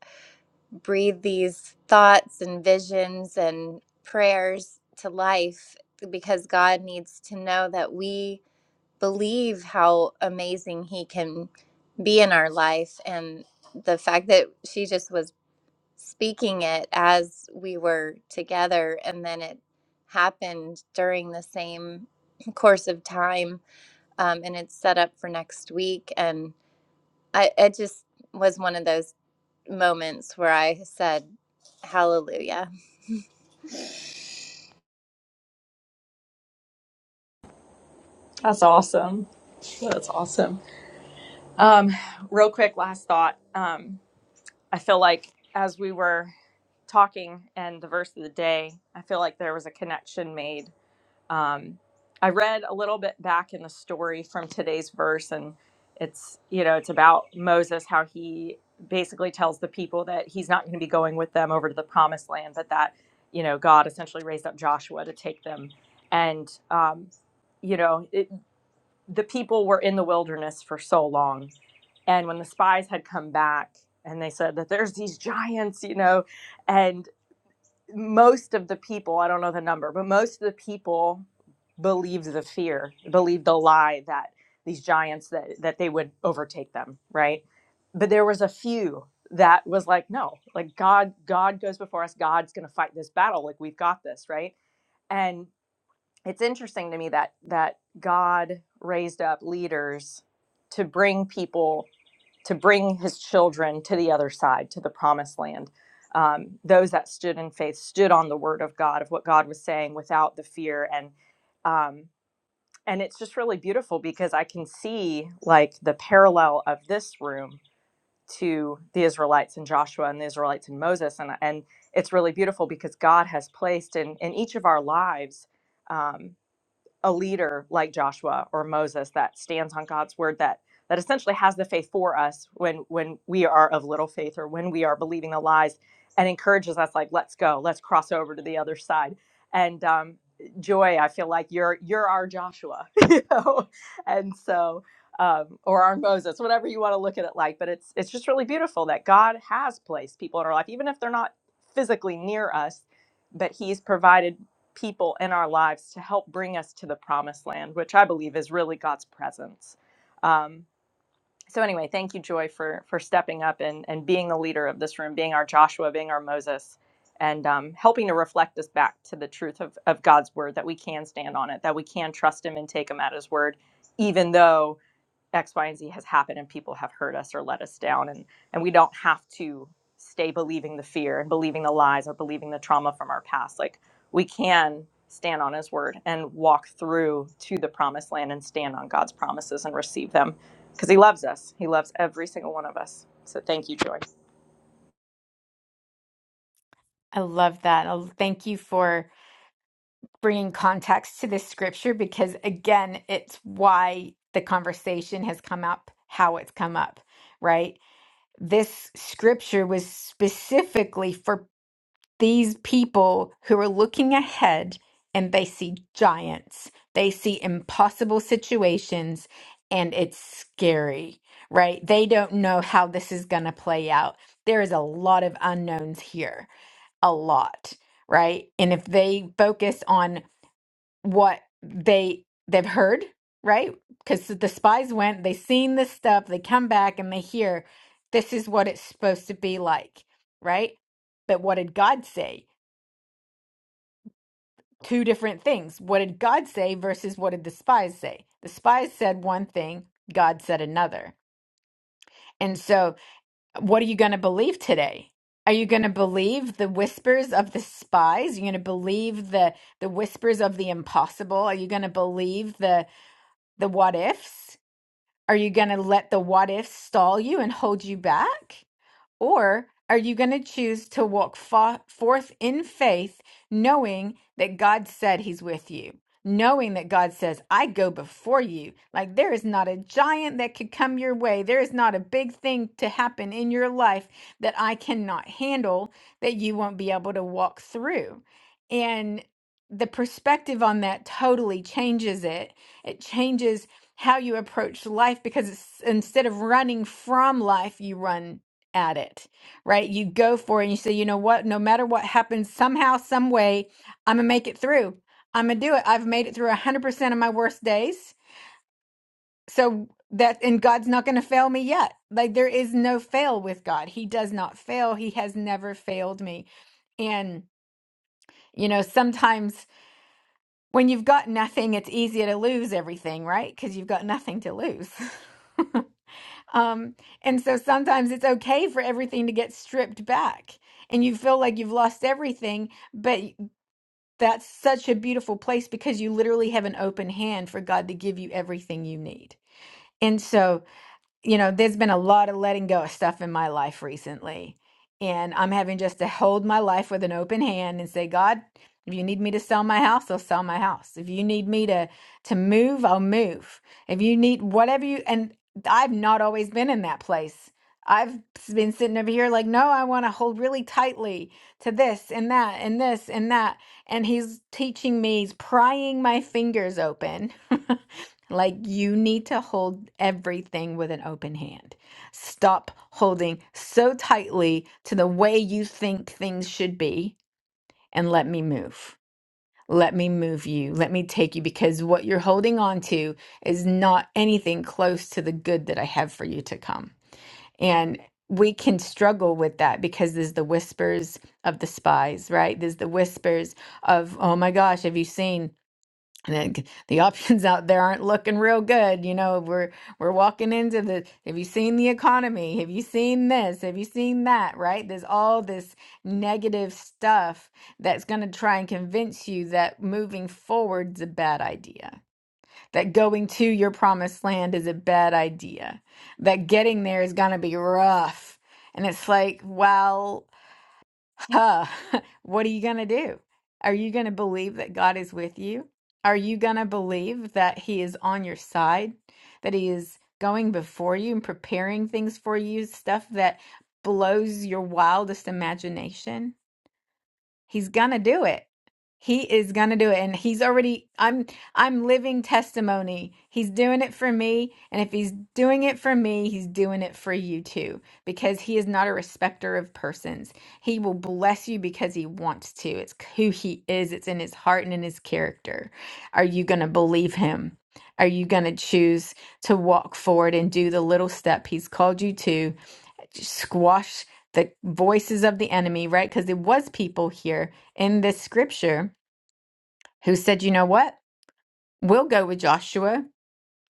breathe these thoughts and visions and prayers to life because God needs to know that we believe how amazing He can be in our life. And the fact that she just was speaking it as we were together and then it happened during the same course of time um, and it's set up for next week and I it just was one of those moments where I said hallelujah That's awesome. That's awesome. um real quick last thought Um, I feel like as we were talking and the verse of the day, I feel like there was a connection made. Um, I read a little bit back in the story from today's verse, and it's you know it's about Moses how he basically tells the people that he's not going to be going with them over to the promised land, but that you know God essentially raised up Joshua to take them, and um, you know it, the people were in the wilderness for so long. And when the spies had come back and they said that there's these giants, you know, and most of the people, I don't know the number, but most of the people believed the fear, believed the lie that these giants that that they would overtake them, right? But there was a few that was like, no, like God God goes before us, God's going to fight this battle, like we've got this, right? And it's interesting to me that that God raised up leaders to bring people to bring his children to the other side to the promised land um, those that stood in faith stood on the word of god of what god was saying without the fear and um, and it's just really beautiful because i can see like the parallel of this room to the israelites and joshua and the israelites and moses and and it's really beautiful because god has placed in in each of our lives um, a leader like Joshua or Moses that stands on God's word that that essentially has the faith for us when when we are of little faith or when we are believing the lies and encourages us like let's go let's cross over to the other side and um, joy I feel like you're you're our Joshua you know and so um, or our Moses whatever you want to look at it like but it's it's just really beautiful that God has placed people in our life even if they're not physically near us but he's provided people in our lives to help bring us to the promised land, which I believe is really God's presence. Um, so anyway, thank you, Joy, for for stepping up and and being the leader of this room, being our Joshua, being our Moses, and um, helping to reflect us back to the truth of of God's word that we can stand on it, that we can trust Him and take Him at His word, even though X, Y, and Z has happened and people have hurt us or let us down. And, and we don't have to stay believing the fear and believing the lies or believing the trauma from our past. Like we can stand on his word and walk through to the promised land and stand on God's promises and receive them because he loves us. He loves every single one of us. So thank you, Joy. i love that i thank you for bringing context to this scripture because again it's why the conversation has come up how it's come up right this scripture was specifically for these people who are looking ahead and they see giants they see impossible situations and it's scary right they don't know how this is going to play out there is a lot of unknowns here a lot right and if they focus on what they they've heard, right? Because the spies went, they seen this stuff, they come back and they hear this is what it's supposed to be like, right? But what did God say? Two different things. What did God say versus what did the spies say? The spies said one thing, God said another. And so, what are you going to believe today? Are you going to believe the whispers of the spies? Are you going to believe the the whispers of the impossible? Are you going to believe the the what ifs? Are you going to let the what ifs stall you and hold you back? Or are you going to choose to walk fo- forth in faith, knowing that God said He's with you? Knowing that God says, I go before you. Like there is not a giant that could come your way. There is not a big thing to happen in your life that I cannot handle that you won't be able to walk through. And the perspective on that totally changes it. It changes how you approach life because it's, instead of running from life, you run at it, right? You go for it and you say, you know what, no matter what happens, somehow, some way, I'm gonna make it through. I'm gonna do it. I've made it through 100% of my worst days. So that, and God's not gonna fail me yet. Like there is no fail with God. He does not fail, He has never failed me. And, you know, sometimes when you've got nothing, it's easier to lose everything, right? Because you've got nothing to lose. Um, and so sometimes it's okay for everything to get stripped back and you feel like you've lost everything, but y- that's such a beautiful place because you literally have an open hand for God to give you everything you need. And so you know, there's been a lot of letting go of stuff in my life recently. And I'm having just to hold my life with an open hand and say, God, if you need me to sell my house, I'll sell my house. If you need me to to move, I'll move. If you need whatever you and I've not always been in that place. I've been sitting over here like, no, I want to hold really tightly to this and that and this and that. And he's teaching me, he's prying my fingers open Like you need to hold everything with an open hand. Stop holding so tightly to the way you think things should be and let me move. Let me move you. Let me take you because what you're holding on to is not anything close to the good that I have for you to come. And we can struggle with that because there's the whispers of the spies, right? There's the whispers of, oh my gosh, have you seen? And it the options out there aren't looking real good. You know, we're we're walking into the, have you seen the economy? Have you seen this? Have you seen that? Right? There's all this negative stuff that's going to try and convince you that moving forward's a bad idea. That going to your promised land is a bad idea. That getting there is going to be rough. And it's like, well, Huh. What are you going to do? Are you going to believe that God is with you? Are you going to believe that He is on your side, that He is going before you and preparing things for you, stuff that blows your wildest imagination? He's gonna do it. He is gonna do it. And he's already I'm I'm living testimony. He's doing it for me. And if he's doing it for me, he's doing it for you too. Because he is not a respecter of persons. He will bless you because he wants to. It's who he is. It's in his heart and in his character. Are you gonna believe him? Are you gonna choose to walk forward and do the little step he's called you to? squash the voices of the enemy, right? Because there was people here in this scripture who said, "You know what? We'll go with Joshua.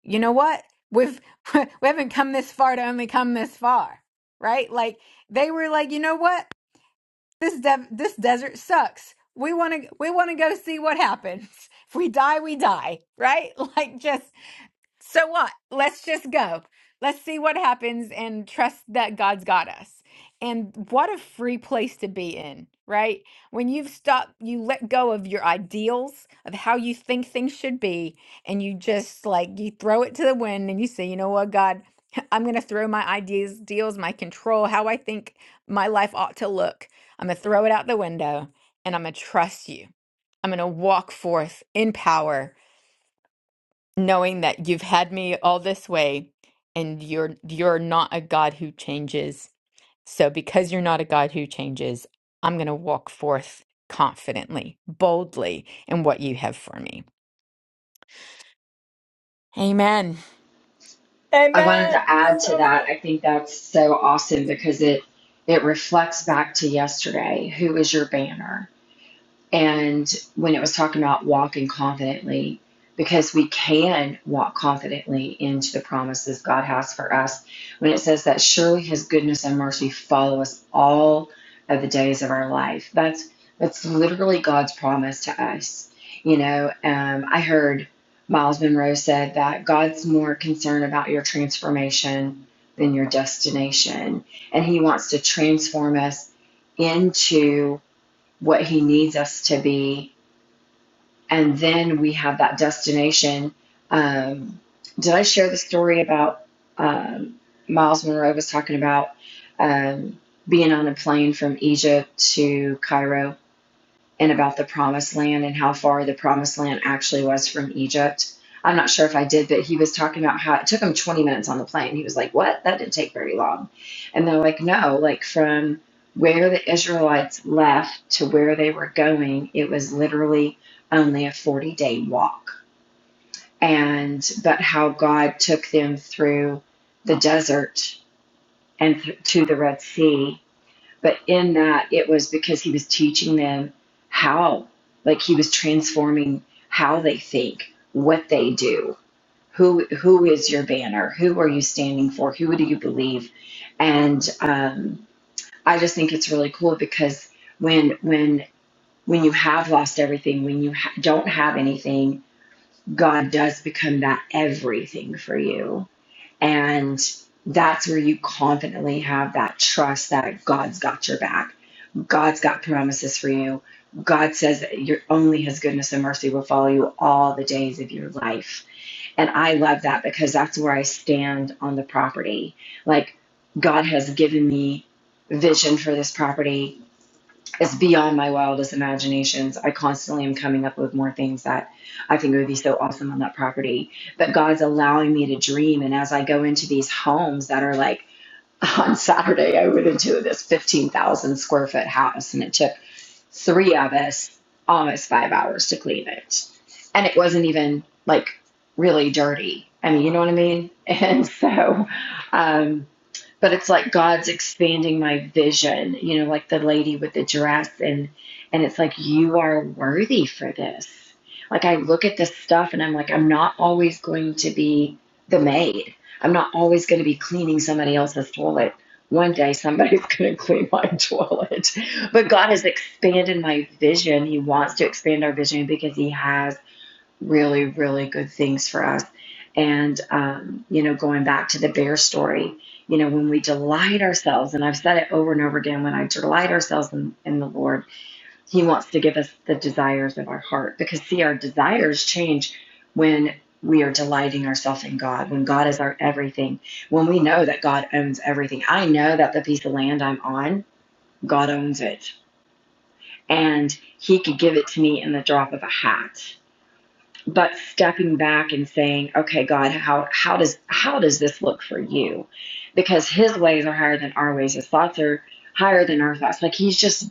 You know what? We've we haven't come this far to only come this far, right? Like they were like, you know what? This dev this desert sucks. We want to we want to go see what happens. If we die, we die, right? Like just so what? Let's just go. Let's see what happens and trust that God's got us. And what a free place to be in, right? When you've stopped, you let go of your ideals of how you think things should be, and you just like you throw it to the wind and you say, you know what, God, I'm going to throw my ideas, deals, my control, how I think my life ought to look. I'm going to throw it out the window and I'm going to trust you. I'm going to walk forth in power knowing that you've had me all this way and you're you're not a God who changes. So because you're not a God who changes, I'm going to walk forth confidently, boldly in what you have for me. Amen. I wanted Amen. to add to So good. that. I think that's so awesome because it it reflects back to yesterday. Who is your banner? and when it was talking about walking confidently because we can walk confidently into the promises God has for us when it says that surely his goodness and mercy follow us all of the days of our life that's that's literally God's promise to us you know um, I heard Miles Monroe said that God's more concerned about your transformation than your destination and he wants to transform us into what He needs us to be. And then we have that destination. Um, did I share the story about um, Miles Monroe was talking about um, being on a plane from Egypt to Cairo? and about the promised land and how far the promised land actually was from Egypt. I'm not sure if I did, but he was talking about how it took him 20 minutes on the plane. He was like, What? That didn't take very long. And they're like, No, like from where the Israelites left to where they were going, it was literally only a 40 day walk. And, but how God took them through the desert and th- to the Red Sea but in that, it was because he was teaching them how, like he was transforming how they think, what they do, who who is your banner, who are you standing for, who do you believe, and um, I just think it's really cool because when when when you have lost everything, when you ha- don't have anything, God does become that everything for you, and that's where you confidently have that trust that God's got your back God's got promises for you. God says that your only his goodness and mercy will follow you all the days of your life. And I love that because that's where I stand on the property. Like God has given me vision for this property. It's beyond my wildest imaginations. I constantly am coming up with more things that I think would be so awesome on that property. But God's allowing me to dream and as I go into these homes that are like on Saturday, I went into this 15,000 square foot house and it took three of us almost five hours to clean it. And it wasn't even like really dirty. I mean, you know what I mean? And so, um, but it's like God's expanding my vision, you know, like the lady with the dress and and it's like you are worthy for this. Like I look at this stuff and I'm like I'm not always going to be the maid. I'm not always going to be cleaning somebody else's toilet. One day somebody's going to clean my toilet. But God has expanded my vision. He wants to expand our vision because he has really, really good things for us. And, um, you know, going back to the bear story, you know, when we delight ourselves, and I've said it over and over again, when I delight ourselves in, in the Lord, He wants to give us the desires of our heart. Because, see, our desires change when we are delighting ourselves in God, when God is our everything, when we know that God owns everything. I know that the piece of land I'm on, God owns it. And He could give it to me in the drop of a hat but stepping back and saying okay god how how does how does this look for you because his ways are higher than our ways his thoughts are higher than our thoughts like he's just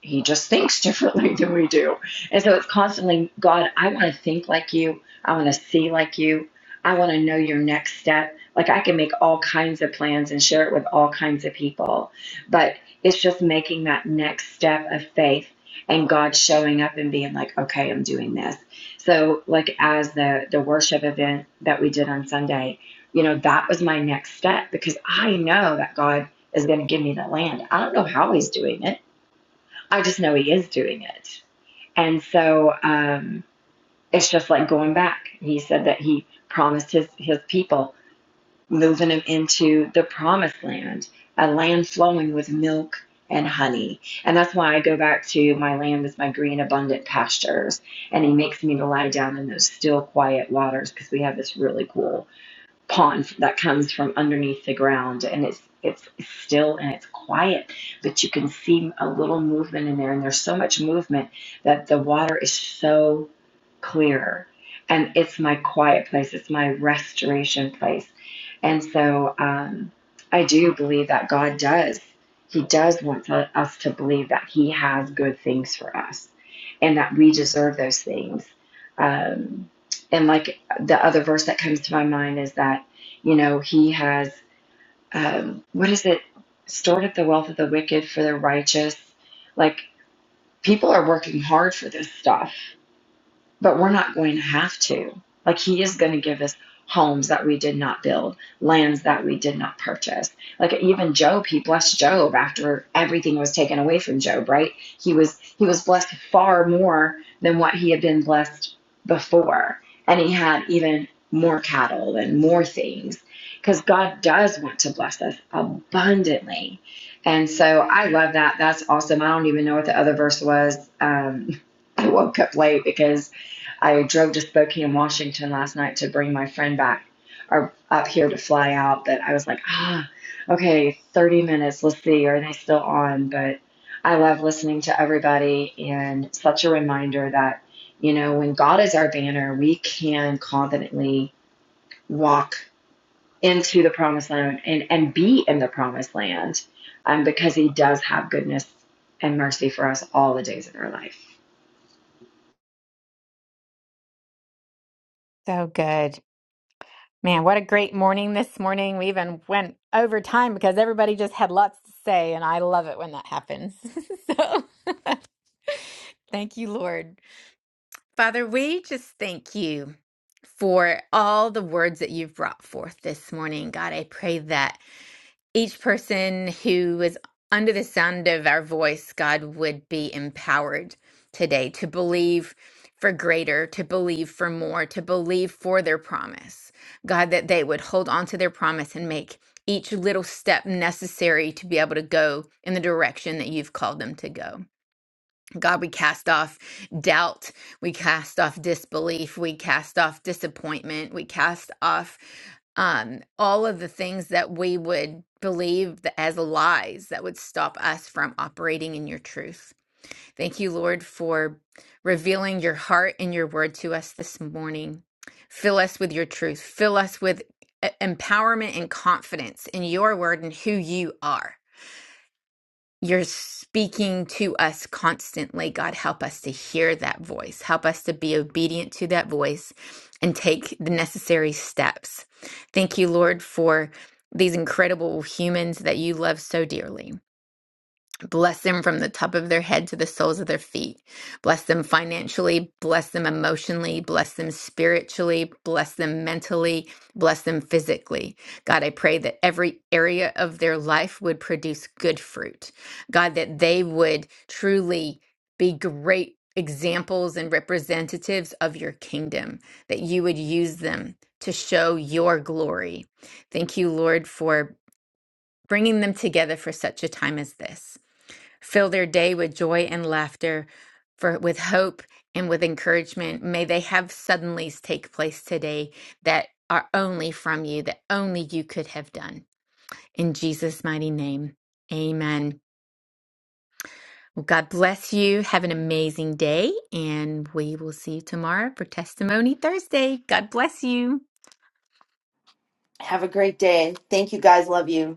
he just thinks differently than we do. And so it's constantly, God, I want to think like you. I want to see like you. I want to know your next step. Like I can make all kinds of plans and share it with all kinds of people. But it's just making that next step of faith and God showing up and being like, okay, I'm doing this. So like as the the worship event that we did on Sunday, you know, that was my next step because I know that God is going to give me the land. I don't know how he's doing it. I just know he is doing it. And so um, it's just like going back. He said that he promised his, his people moving them into the promised land, a land flowing with milk and honey. And that's why I go back to my land is my green, abundant pastures. And he makes me to lie down in those still, quiet waters because we have this really cool pond that comes from underneath the ground and it's it's still and it's quiet but you can see a little movement in there and there's so much movement that the water is so clear and it's my quiet place it's my restoration place and so um, i do believe that god does he does want to- us to believe that he has good things for us and that we deserve those things um, and like the other verse that comes to my mind is that you know he has um, what is it stored up the wealth of the wicked for the righteous like people are working hard for this stuff but we're not going to have to. Like, He is going to give us homes that we did not build, lands that we did not purchase. Like, even Job, He blessed Job after everything was taken away from Job, right? He was he was blessed far more than what he had been blessed before, and he had even more cattle and more things because God does want to bless us abundantly. And so I love that. That's awesome. I don't even know what the other verse was. Um, I woke up late because I drove to Spokane, Washington last night to bring my friend back or up here to fly out. But I was like, ah, okay, 30 minutes. Let's see. Are they still on? But I love listening to everybody and such a reminder that, you know, when God is our banner, we can confidently walk into the promised land and, and be in the promised land um, because he does have goodness and mercy for us all the days of our life. So good. Man, what a great morning this morning. We even went over time because everybody just had lots to say and I love it when that happens. so thank you, Lord. Father, we just thank you for all the words that you've brought forth this morning. God, I pray that each person who is under the sound of our voice, God, would be empowered today to believe for greater, to believe for more, to believe for their promise. God, that they would hold on to their promise and make each little step necessary to be able to go in the direction that you've called them to go. God, we cast off doubt. We cast off disbelief. We cast off disappointment. We cast off um, all of the things that we would believe th- as lies that would stop us from operating in your truth. Thank you, Lord, for revealing your heart and your word to us this morning. Fill us with your truth. Fill us with e- empowerment and confidence in your word and who you are you're speaking to us constantly. God, help us to hear that voice. Help us to be obedient to that voice and take the necessary steps. Thank you, Lord, for these incredible humans that you love so dearly. Bless them from the top of their head to the soles of their feet. Bless them financially. Bless them emotionally. Bless them spiritually. Bless them mentally. Bless them physically. God, I pray that every area of their life would produce good fruit. God, that they would truly be great examples and representatives of your kingdom, that you would use them to show your glory. Thank you, Lord, for bringing them together for such a time as this. Fill their day with joy and laughter, for with hope and with encouragement. May they have suddenlies take place today that are only from you, that only you could have done. In Jesus' mighty name, amen. Well, God bless you. Have an amazing day, and we will see you tomorrow for Testimony Thursday. God bless you. Have a great day. Thank you guys. Love you.